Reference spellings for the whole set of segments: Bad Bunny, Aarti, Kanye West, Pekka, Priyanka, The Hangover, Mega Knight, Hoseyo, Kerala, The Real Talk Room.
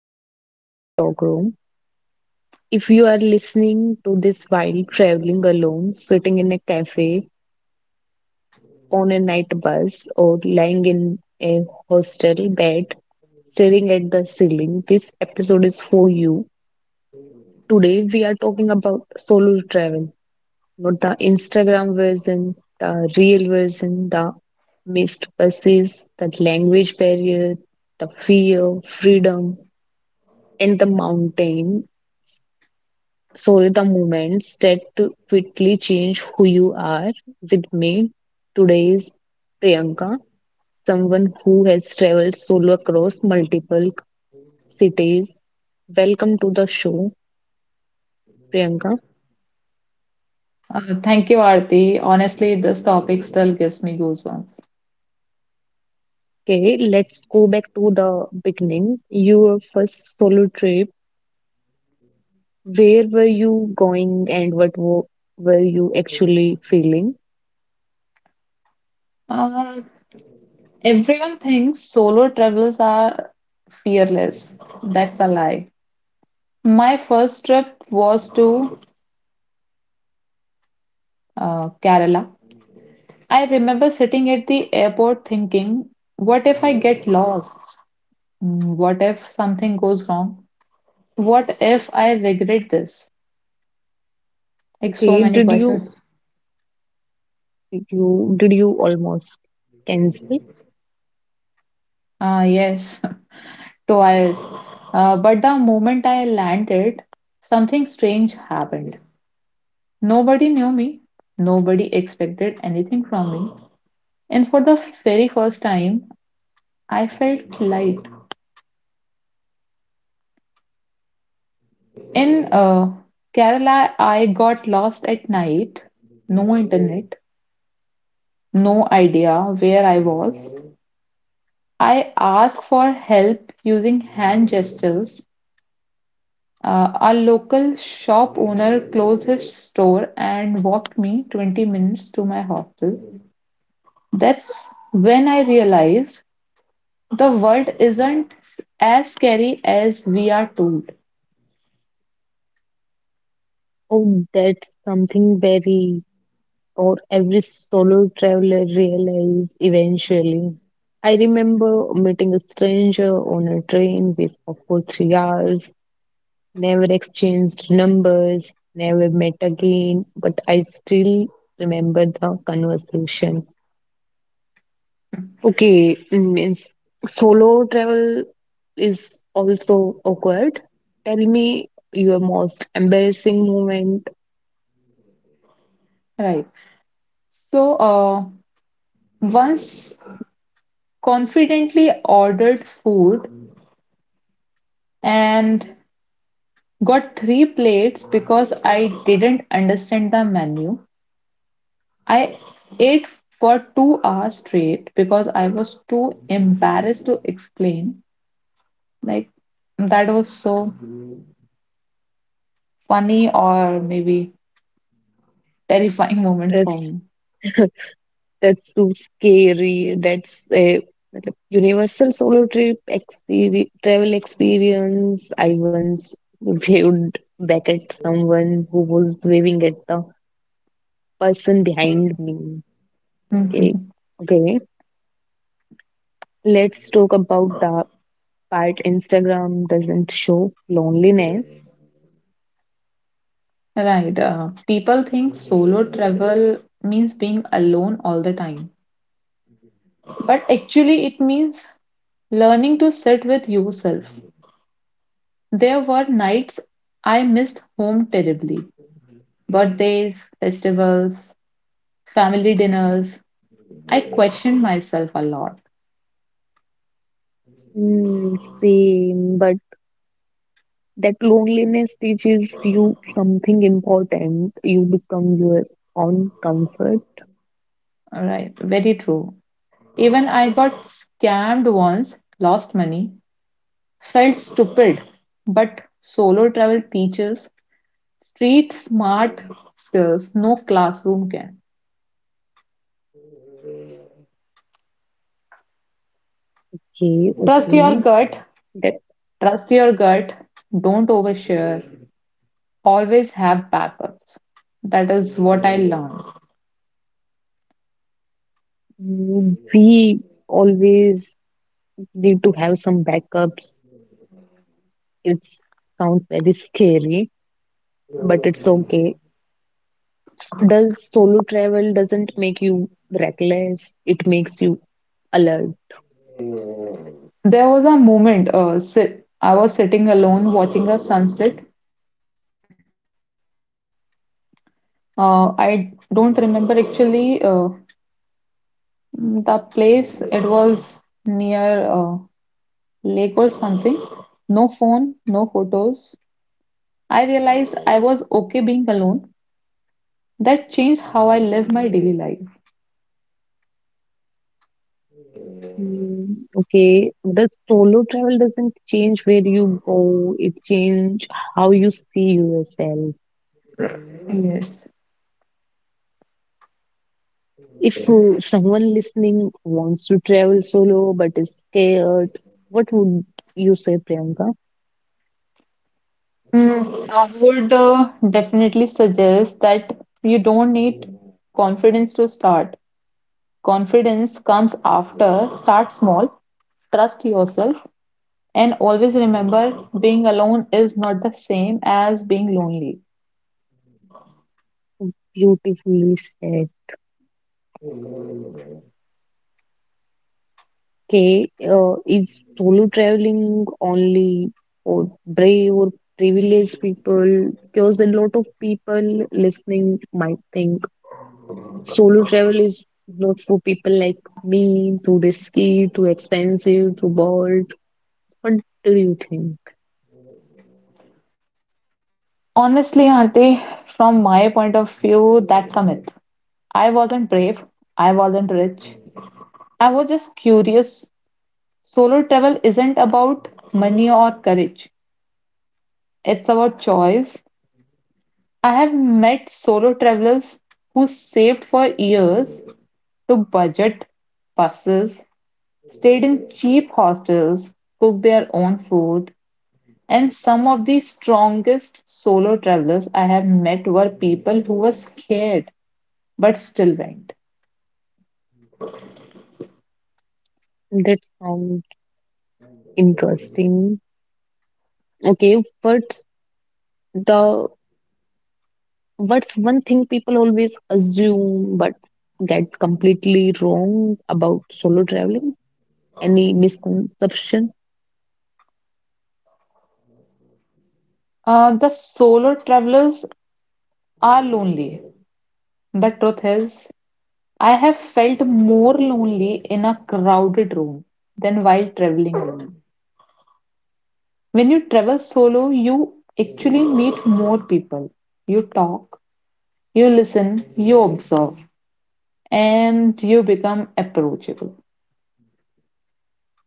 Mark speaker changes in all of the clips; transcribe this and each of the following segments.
Speaker 1: The Real Talk Room. If you are listening to this while traveling alone, sitting in a cafe, on a night bus, or lying in a hostel bed, staring at the ceiling, this episode is for you. Today, we are talking about solo travel, not the Instagram version, the real version, the missed buses, the language barrier, the fear, freedom in the mountain. So the moments that quickly change who you are. With me today is Priyanka, someone who has traveled solo across multiple cities. Welcome to the show, Priyanka.
Speaker 2: Thank you, Aarti. Honestly, this topic still gives me goosebumps.
Speaker 1: Okay, let's go back to the beginning. Your first solo trip. Where were you going, and were you actually feeling?
Speaker 2: Uh, Everyone thinks solo travelers are fearless. That's a lie. My first trip was to Kerala. I remember sitting at the airport thinking, what if I get lost? What if something goes wrong? What if I regret this? Like so
Speaker 1: Okay,
Speaker 2: many
Speaker 1: did you
Speaker 2: questions.
Speaker 1: you did you almost cancel?
Speaker 2: Yes. Twice. But the moment I landed, something strange happened. Nobody knew me, nobody expected anything from me, and for the very first time, I felt light. In Kerala, I got lost at night, no internet, no idea where I was. I asked for help using hand gestures. A local shop owner closed his store and walked me 20 minutes to my hostel. That's when I realized the world isn't as scary as we are told.
Speaker 1: Oh, that's something very or every solo traveler realize eventually. I remember meeting a stranger on a train we spoke for 3 hours, never exchanged numbers, never met again, but I still remember the conversation. Okay, means solo travel is also awkward. Tell me your most embarrassing moment
Speaker 2: Right. So, once confidently ordered food and got three plates because I didn't understand the menu. I ate for 2 hours straight because I was too embarrassed to explain. Like, that was so funny or maybe terrifying moment for
Speaker 1: as
Speaker 2: me.
Speaker 1: that's too scary. That's a मतलब universal solo trip experience, travel experience. I once waved back at someone who was waving at the person behind me. Okay.
Speaker 2: Mhm.
Speaker 1: Okay. Let's talk about the part Instagram doesn't show loneliness.
Speaker 2: Right. People think solo travel means being alone all the time, but actually, it means learning to sit with yourself. There were nights I missed home terribly. Birthdays, festivals, family dinners, I questioned myself a lot.
Speaker 1: Mm, same, but that loneliness teaches you something important. You become your own comfort.
Speaker 2: All right, very true. Even I got scammed once, lost money, felt stupid. But solo travel teaches street smart skills no classroom can.
Speaker 1: Okay,
Speaker 2: Trust your
Speaker 1: okay.
Speaker 2: gut,
Speaker 1: That
Speaker 2: Trust your gut, don't overshare, always have backups. That is what I learned.
Speaker 1: Mm, we always need to have some backups. It sounds very scary, but it's okay. Does solo travel doesn't make you reckless? It makes you alert.
Speaker 2: There was a moment I was sitting alone watching a sunset. I don't remember actually the place. It was near lake or something. No phone, no photos. I realized I was okay being alone. That changed how I live my daily life.
Speaker 1: Mm, okay. Does solo travel doesn't change where you go? It change how you see yourself.
Speaker 2: Yes.
Speaker 1: If someone listening wants to travel solo but is scared, what would you say, Priyanka?
Speaker 2: I would definitely suggest that you don't need confidence to start. Confidence comes after. Start small, trust yourself, and always remember, being alone is not the same as being lonely.
Speaker 1: Beautifully said. Okay, is solo traveling only for brave or privileged people? Because a lot of people listening might think solo travel is not for people like me, too risky, too expensive, too bold. What do you think?
Speaker 2: Honestly, Aarti, from my point of view, that's a myth. I wasn't brave, I wasn't rich, I was just curious. Solo travel isn't about money or courage, it's about choice. I have met solo travelers who saved for years to budget buses, stayed in cheap hostels, cooked their own food, and some of the strongest solo travelers I have met were people who were scared but still went.
Speaker 1: That sounds interesting. Okay, the what's one thing people always assume but get completely wrong about solo traveling? Any misconception
Speaker 2: The solo travelers are lonely. The truth is, I have felt more lonely in a crowded room than while traveling alone. When you travel solo, you actually meet more people. You talk, you listen, you observe, and you become approachable.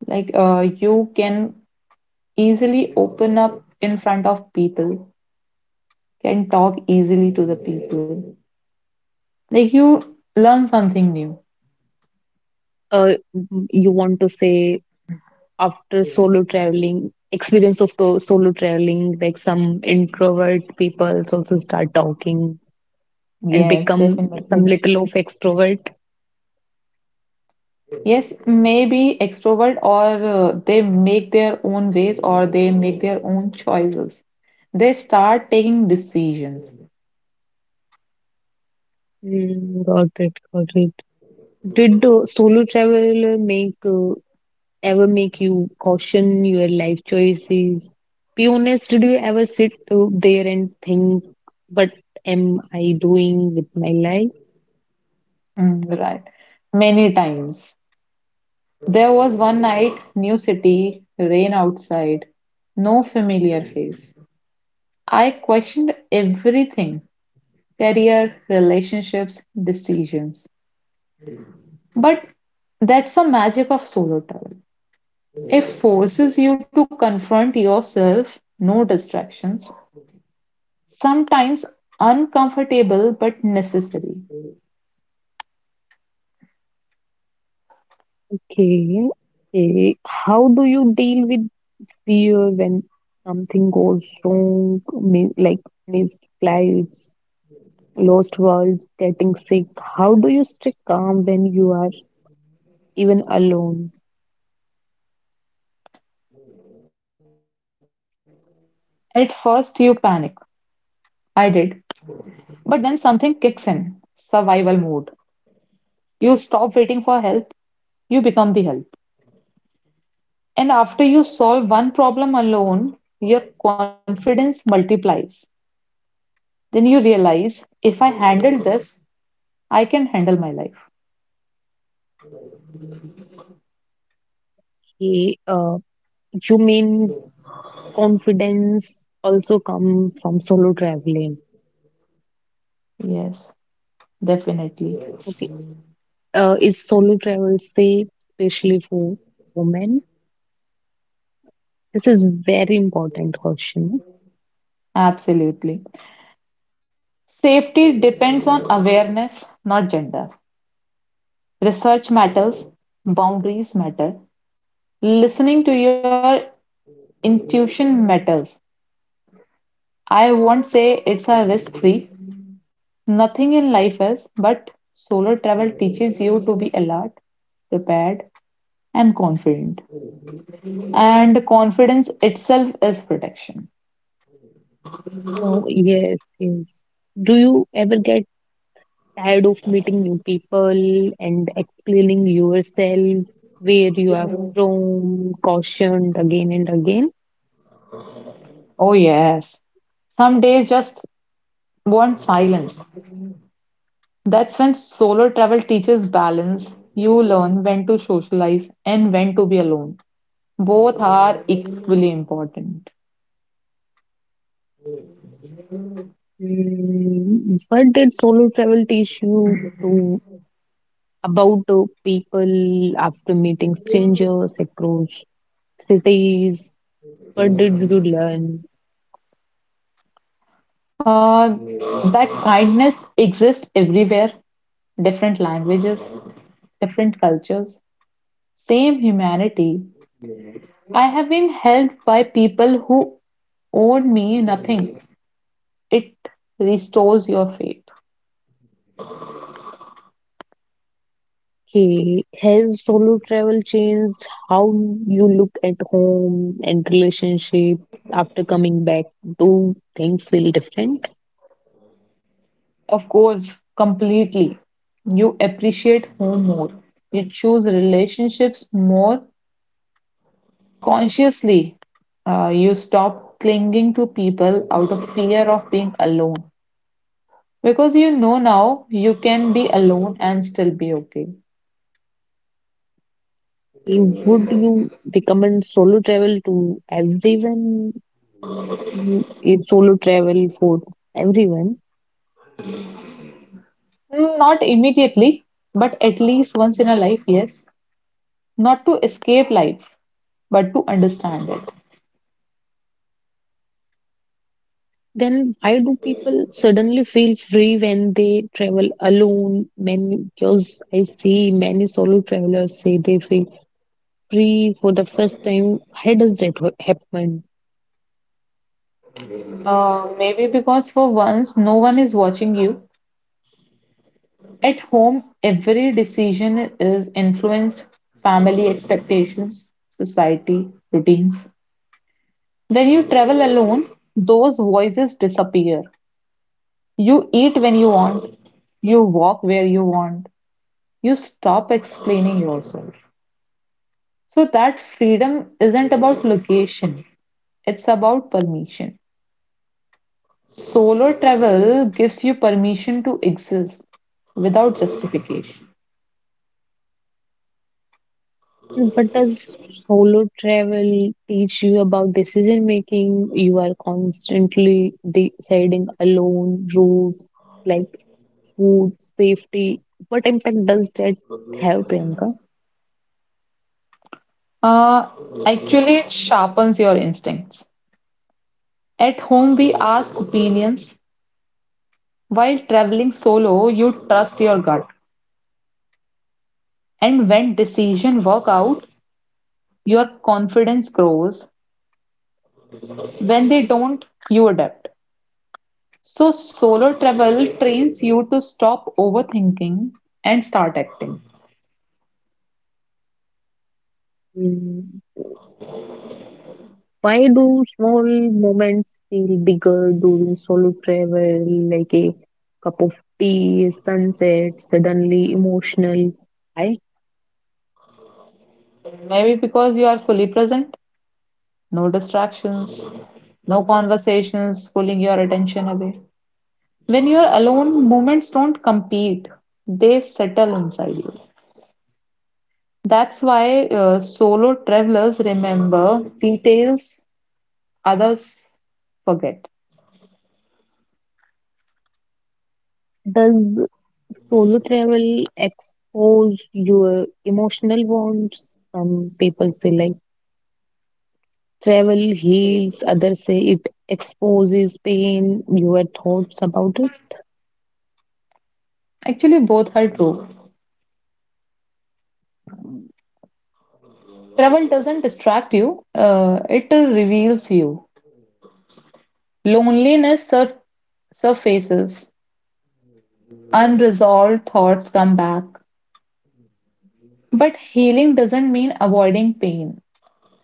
Speaker 2: Like you can easily open up in front of people, can talk easily to the people. Like you learn something new.
Speaker 1: uh, you want to say after solo traveling, experience of solo traveling, like some introvert people also start talking and
Speaker 2: Yes,
Speaker 1: become some
Speaker 2: definitely.
Speaker 1: little of extrovert?
Speaker 2: Yes, maybe extrovert or they make their own ways or they make their own choices. They start taking decisions.
Speaker 1: Mm, got it, got it. Did solo travel make ever make you caution your life choices? Be honest, did you ever sit there and think, but am I doing with my life?
Speaker 2: Right. Many times. There was one night, new city, rain outside, no familiar face. I questioned everything. Career, relationships, decisions. But that's the magic of solo travel. It forces you to confront yourself, no distractions, sometimes uncomfortable but necessary.
Speaker 1: Okay, okay. How do you deal with fear when something goes wrong, like missed flights, lost worlds, getting sick? How do you stay calm when you are even alone?
Speaker 2: At first, you panic. I did. But then something kicks in survival mode. You stop waiting for help, you become the help. And after you solve one problem alone, your confidence multiplies. Then you realize if I handle this, I can handle my life.
Speaker 1: Okay, you mean confidence also come from solo traveling?
Speaker 2: Yes, definitely.
Speaker 1: Okay,
Speaker 2: Yes.
Speaker 1: is solo travel safe, especially for women? This is very important question.
Speaker 2: Absolutely. Safety depends on awareness, not gender. Research matters, boundaries matter, listening to your intuition matters. I won't say it's a risk-free. Nothing in life is, but solo travel teaches you to be alert, prepared, and confident. And confidence itself is protection.
Speaker 1: Oh, yes, yes. Do you ever get tired of meeting new people and explaining yourself, where you are from, cautioned again and again.
Speaker 2: Oh, yes. Some days just want silence. That's when solo travel teaches balance. You learn when to socialize and when to be alone. Both are equally important.
Speaker 1: Mm, what did solo travel teach you to about the people after meeting strangers across cities? What did you learn?
Speaker 2: Uh, that kindness exists everywhere, different languages, different cultures, same humanity. I have been helped by people who owed me nothing. It restores your faith.
Speaker 1: Okay, has solo travel changed how you look at home and relationships after coming back? Do things feel different?
Speaker 2: Of course, completely. You appreciate home more. You choose relationships more consciously. You stop clinging to people out of fear of being alone. Because you know now you can be alone and still be okay.
Speaker 1: You would you recommend solo travel to everyone who is solo travel for everyone?
Speaker 2: Not immediately, but at least once in a life, yes. Not to escape life, but to understand it.
Speaker 1: Then why do people suddenly feel free when they travel alone? Many girls I see, many solo travelers say they feel free for the first time. How does happen?
Speaker 2: Maybe because for once no one is watching you. At home, every decision is influenced family expectations, society, routines. When you travel alone, those voices disappear. You eat when you want, you walk where you want, you stop explaining yourself. So that freedom isn't about location, it's about permission. Solo travel gives you permission to exist without justification.
Speaker 1: And what does solo travel teach you about decision making? You are constantly deciding alone route, like food, safety. What impact does that have, Priyanka?
Speaker 2: Uh, Actually, it sharpens your instincts. At home, we ask opinions. While traveling solo, you trust your gut. And when decisions work out, your confidence grows. When they don't, you adapt. So, solo travel trains you to stop overthinking and start acting.
Speaker 1: Mm, why do small moments feel bigger during solo travel, like a cup of tea, sunset, suddenly emotional? Why
Speaker 2: Maybe because you are fully present, no distractions, no conversations pulling your attention away. When you are alone, moments don't compete, they settle inside you. That's why solo travelers remember details others forget.
Speaker 1: does solo travel expose your emotional wounds? Some people say like travel heals, others say it exposes pain, your thoughts about it.
Speaker 2: Actually, both are true. Travel doesn't distract you, it reveals you. Loneliness surfaces, unresolved thoughts come back. But healing doesn't mean avoiding pain,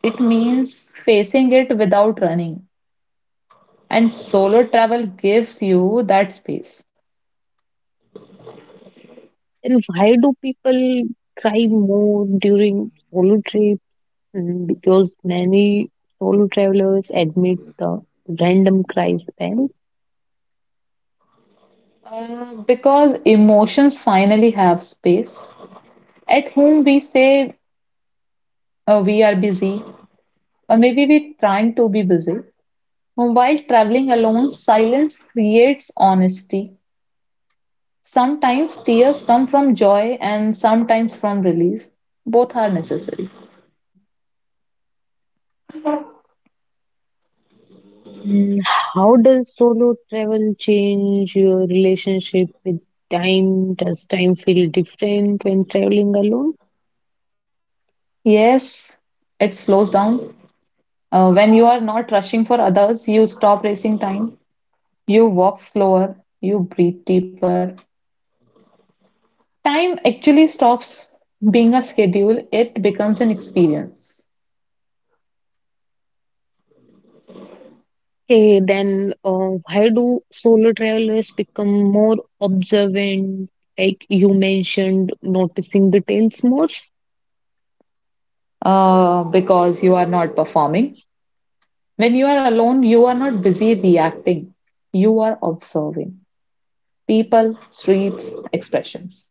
Speaker 2: it means facing it without running. And solo travel gives you that space.
Speaker 1: And why do people cry more during solo trip? Mm, because many solo travelers admit the random cry spells.
Speaker 2: Because emotions finally have space. At home, we say we are busy, or maybe we're trying to be busy. While traveling alone, silence creates honesty. Sometimes tears come from joy and sometimes from release. Both are necessary.
Speaker 1: Mm, how does solo travel change your relationship with time? Does time feel different when traveling alone?
Speaker 2: Yes, it slows down. When you are not rushing for others, you stop racing time. You walk slower. You breathe deeper. Time actually stops being a schedule, it becomes an experience.
Speaker 1: Okay, then why do solo travelers become more observant? Like you mentioned, noticing details more.
Speaker 2: Because you are not performing. When you are alone, you are not busy reacting, you are observing people, streets, expressions.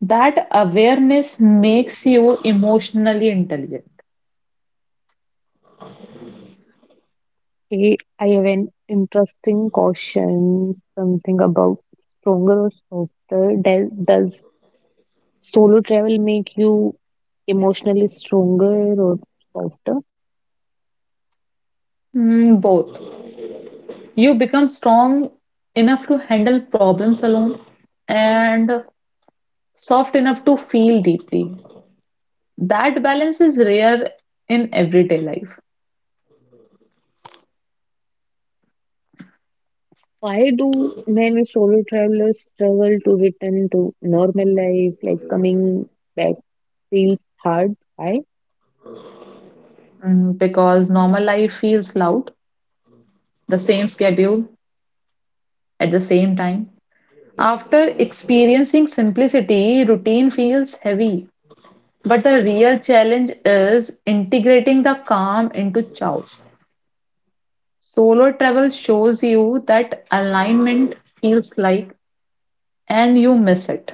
Speaker 2: That awareness makes you emotionally intelligent.
Speaker 1: Actually, I have an interesting question, something about stronger or softer. Does solo travel make you emotionally stronger or softer?
Speaker 2: Both. You become strong enough to handle problems alone and soft enough to feel deeply. That balance is rare in everyday life.
Speaker 1: Why do many solo travelers struggle to return to normal life, like coming back feels hard? Why?
Speaker 2: Because normal life feels loud, the same schedule, at the same time, after experiencing simplicity, routine feels heavy. But the real challenge is integrating the calm into chaos. Solo travel shows you that alignment feels like, and you miss it.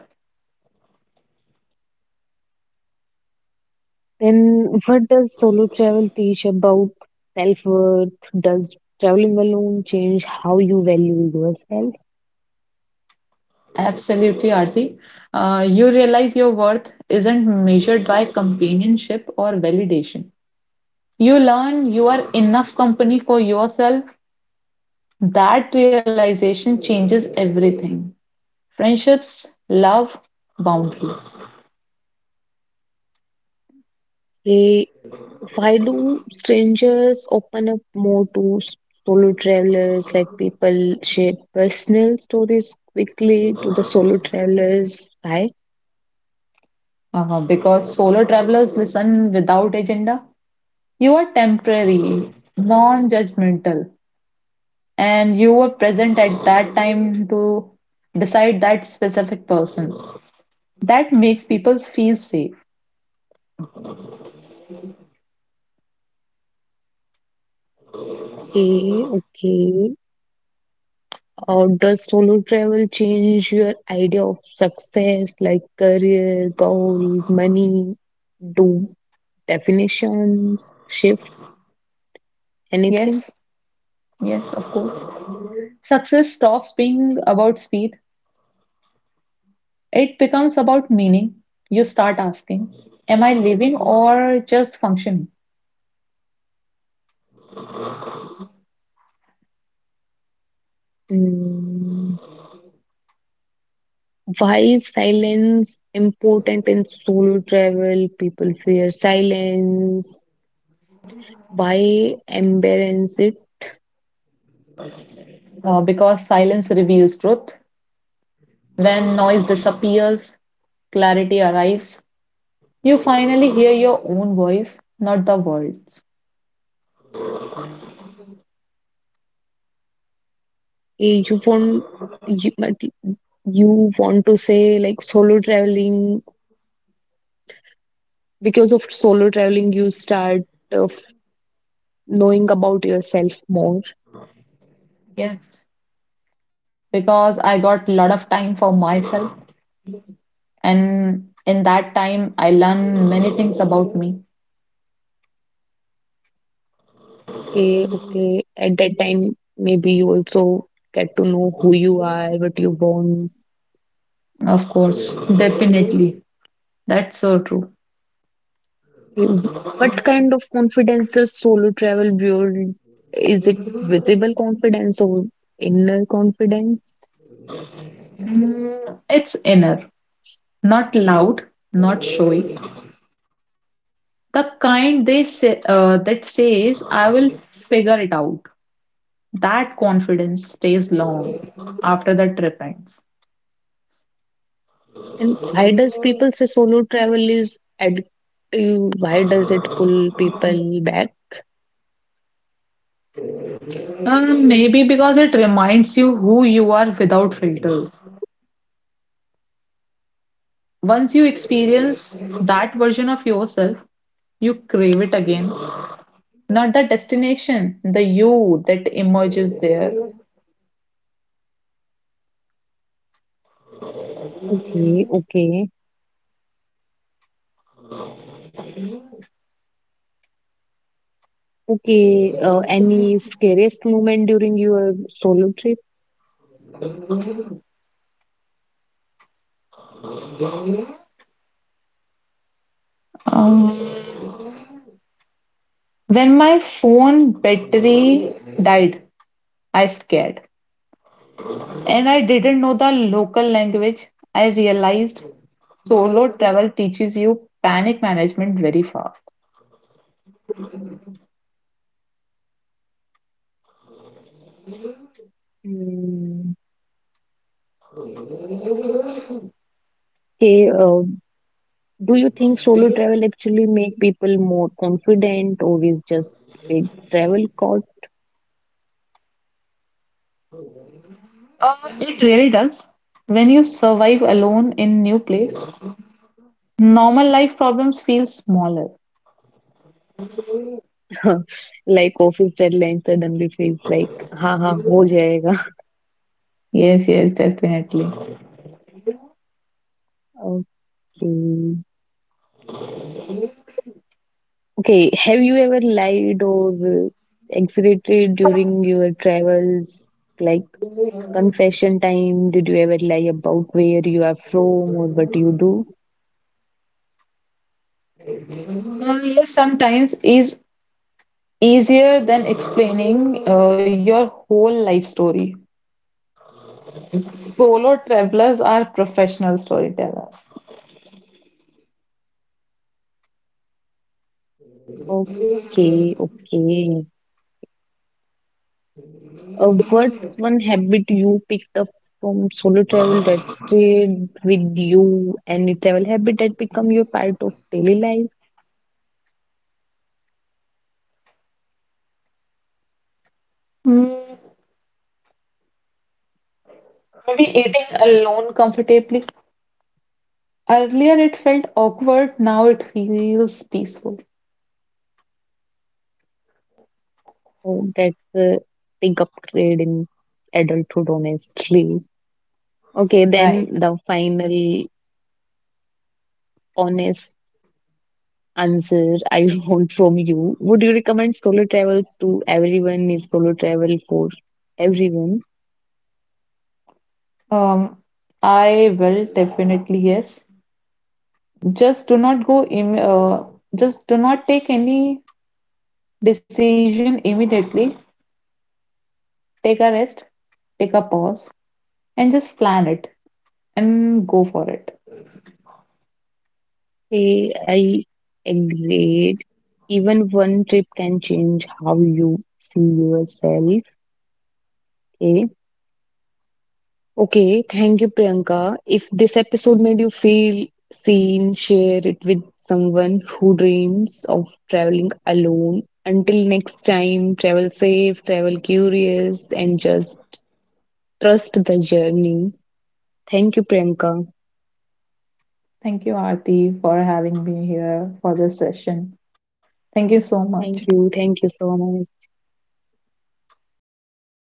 Speaker 1: Then what does solo travel teach about self-worth? Does traveling alone change how you value yourself?
Speaker 2: Absolutely, Aarti. You realize your worth isn't measured by companionship or validation. You learn you are enough company for yourself. That realization changes everything. Friendships love boundaries.
Speaker 1: Okay, why do strangers open up more to solo travelers? Like people share personal stories quickly to the solo travelers. Why?
Speaker 2: Because solo travelers listen without agenda. You are temporary, non-judgmental, and you were present at that time to decide that specific person. That makes people feel safe.
Speaker 1: Okay, okay. Or does solo travel change your idea of success, like career, goal, money? Do definitions shift anything?
Speaker 2: Yes, yes, of course. Success stops being about speed. It becomes about meaning. You start asking, am I living or just functioning?
Speaker 1: Mm. Why is silence important in solo travel? People fear silence. Why embarrass it?
Speaker 2: Because silence reveals truth. When noise disappears, clarity arrives. You finally hear your own voice, not the world's.
Speaker 1: Eh, you, but you want to say like solo traveling, because of solo traveling you start of knowing about yourself more.
Speaker 2: Yes, because I got a lot of time for myself, and in that time, I learn many things about me.
Speaker 1: Okay, okay, at that time maybe you also get to know who you are, what you want.
Speaker 2: Of course, definitely. That's so true.
Speaker 1: Eh, what kind of confidence does solo travel build, is it visible confidence or inner confidence?
Speaker 2: It's inner, not loud, not showy. The kind they say that says, "I will figure it out." That confidence stays long after the trip ends.
Speaker 1: And why does people say solo travel is addictive? Why does it pull people back?
Speaker 2: Maybe because it reminds you who you are without filters. Once you experience that version of yourself, you crave it again. Not the destination, the you that emerges there.
Speaker 1: Okay, okay, okay. Any scariest moment during your solo trip?
Speaker 2: Um, when my phone battery died, I scared. And I didn't know the local language. I realized solo travel teaches you panic management very fast.
Speaker 1: Mm, okay, do you think solo travel actually make people more confident, or is just a travel caught?
Speaker 2: Uh, it really does. When you survive alone in new place, normal life problems feel smaller.
Speaker 1: Like office deadline suddenly feels like, ha ha, ho jayega.
Speaker 2: Yes, yes, definitely.
Speaker 1: Okay. Okay, have you ever lied or exaggerated during your travels? Like confession time, did you ever lie about where you are from or what you do?
Speaker 2: Yes, sometimes is easier than explaining your whole life story. Solo travelers are professional storytellers.
Speaker 1: Okay, okay. What's one habit you picked up from solo travel that stayed with you? Any travel habit that become your part of daily life?
Speaker 2: Mm, Maybe eating alone comfortably. Earlier it felt awkward, now it feels peaceful.
Speaker 1: Oh, that's a big upgrade in adulthood, honestly. Okay, then
Speaker 2: Right.
Speaker 1: the final honest answer I want from you. Would you recommend solo travels to everyone? Is solo travel for everyone?
Speaker 2: Um, I will definitely, yes. Just do not go im uh, just do not take any decision immediately, take a rest, take a pause, and just plan it and go for it.
Speaker 1: Hey, I agreed. Even one trip can change how you see yourself. Okay. Okay. Thank you, Priyanka. If this episode made you feel seen, share it with someone who dreams of traveling alone. Until next time, travel safe, travel curious, and just trust the journey. Thank you, Priyanka.
Speaker 2: Thank you, Aarti, for having me here for this session. Thank you so much.
Speaker 1: Thank you. Thank you so much.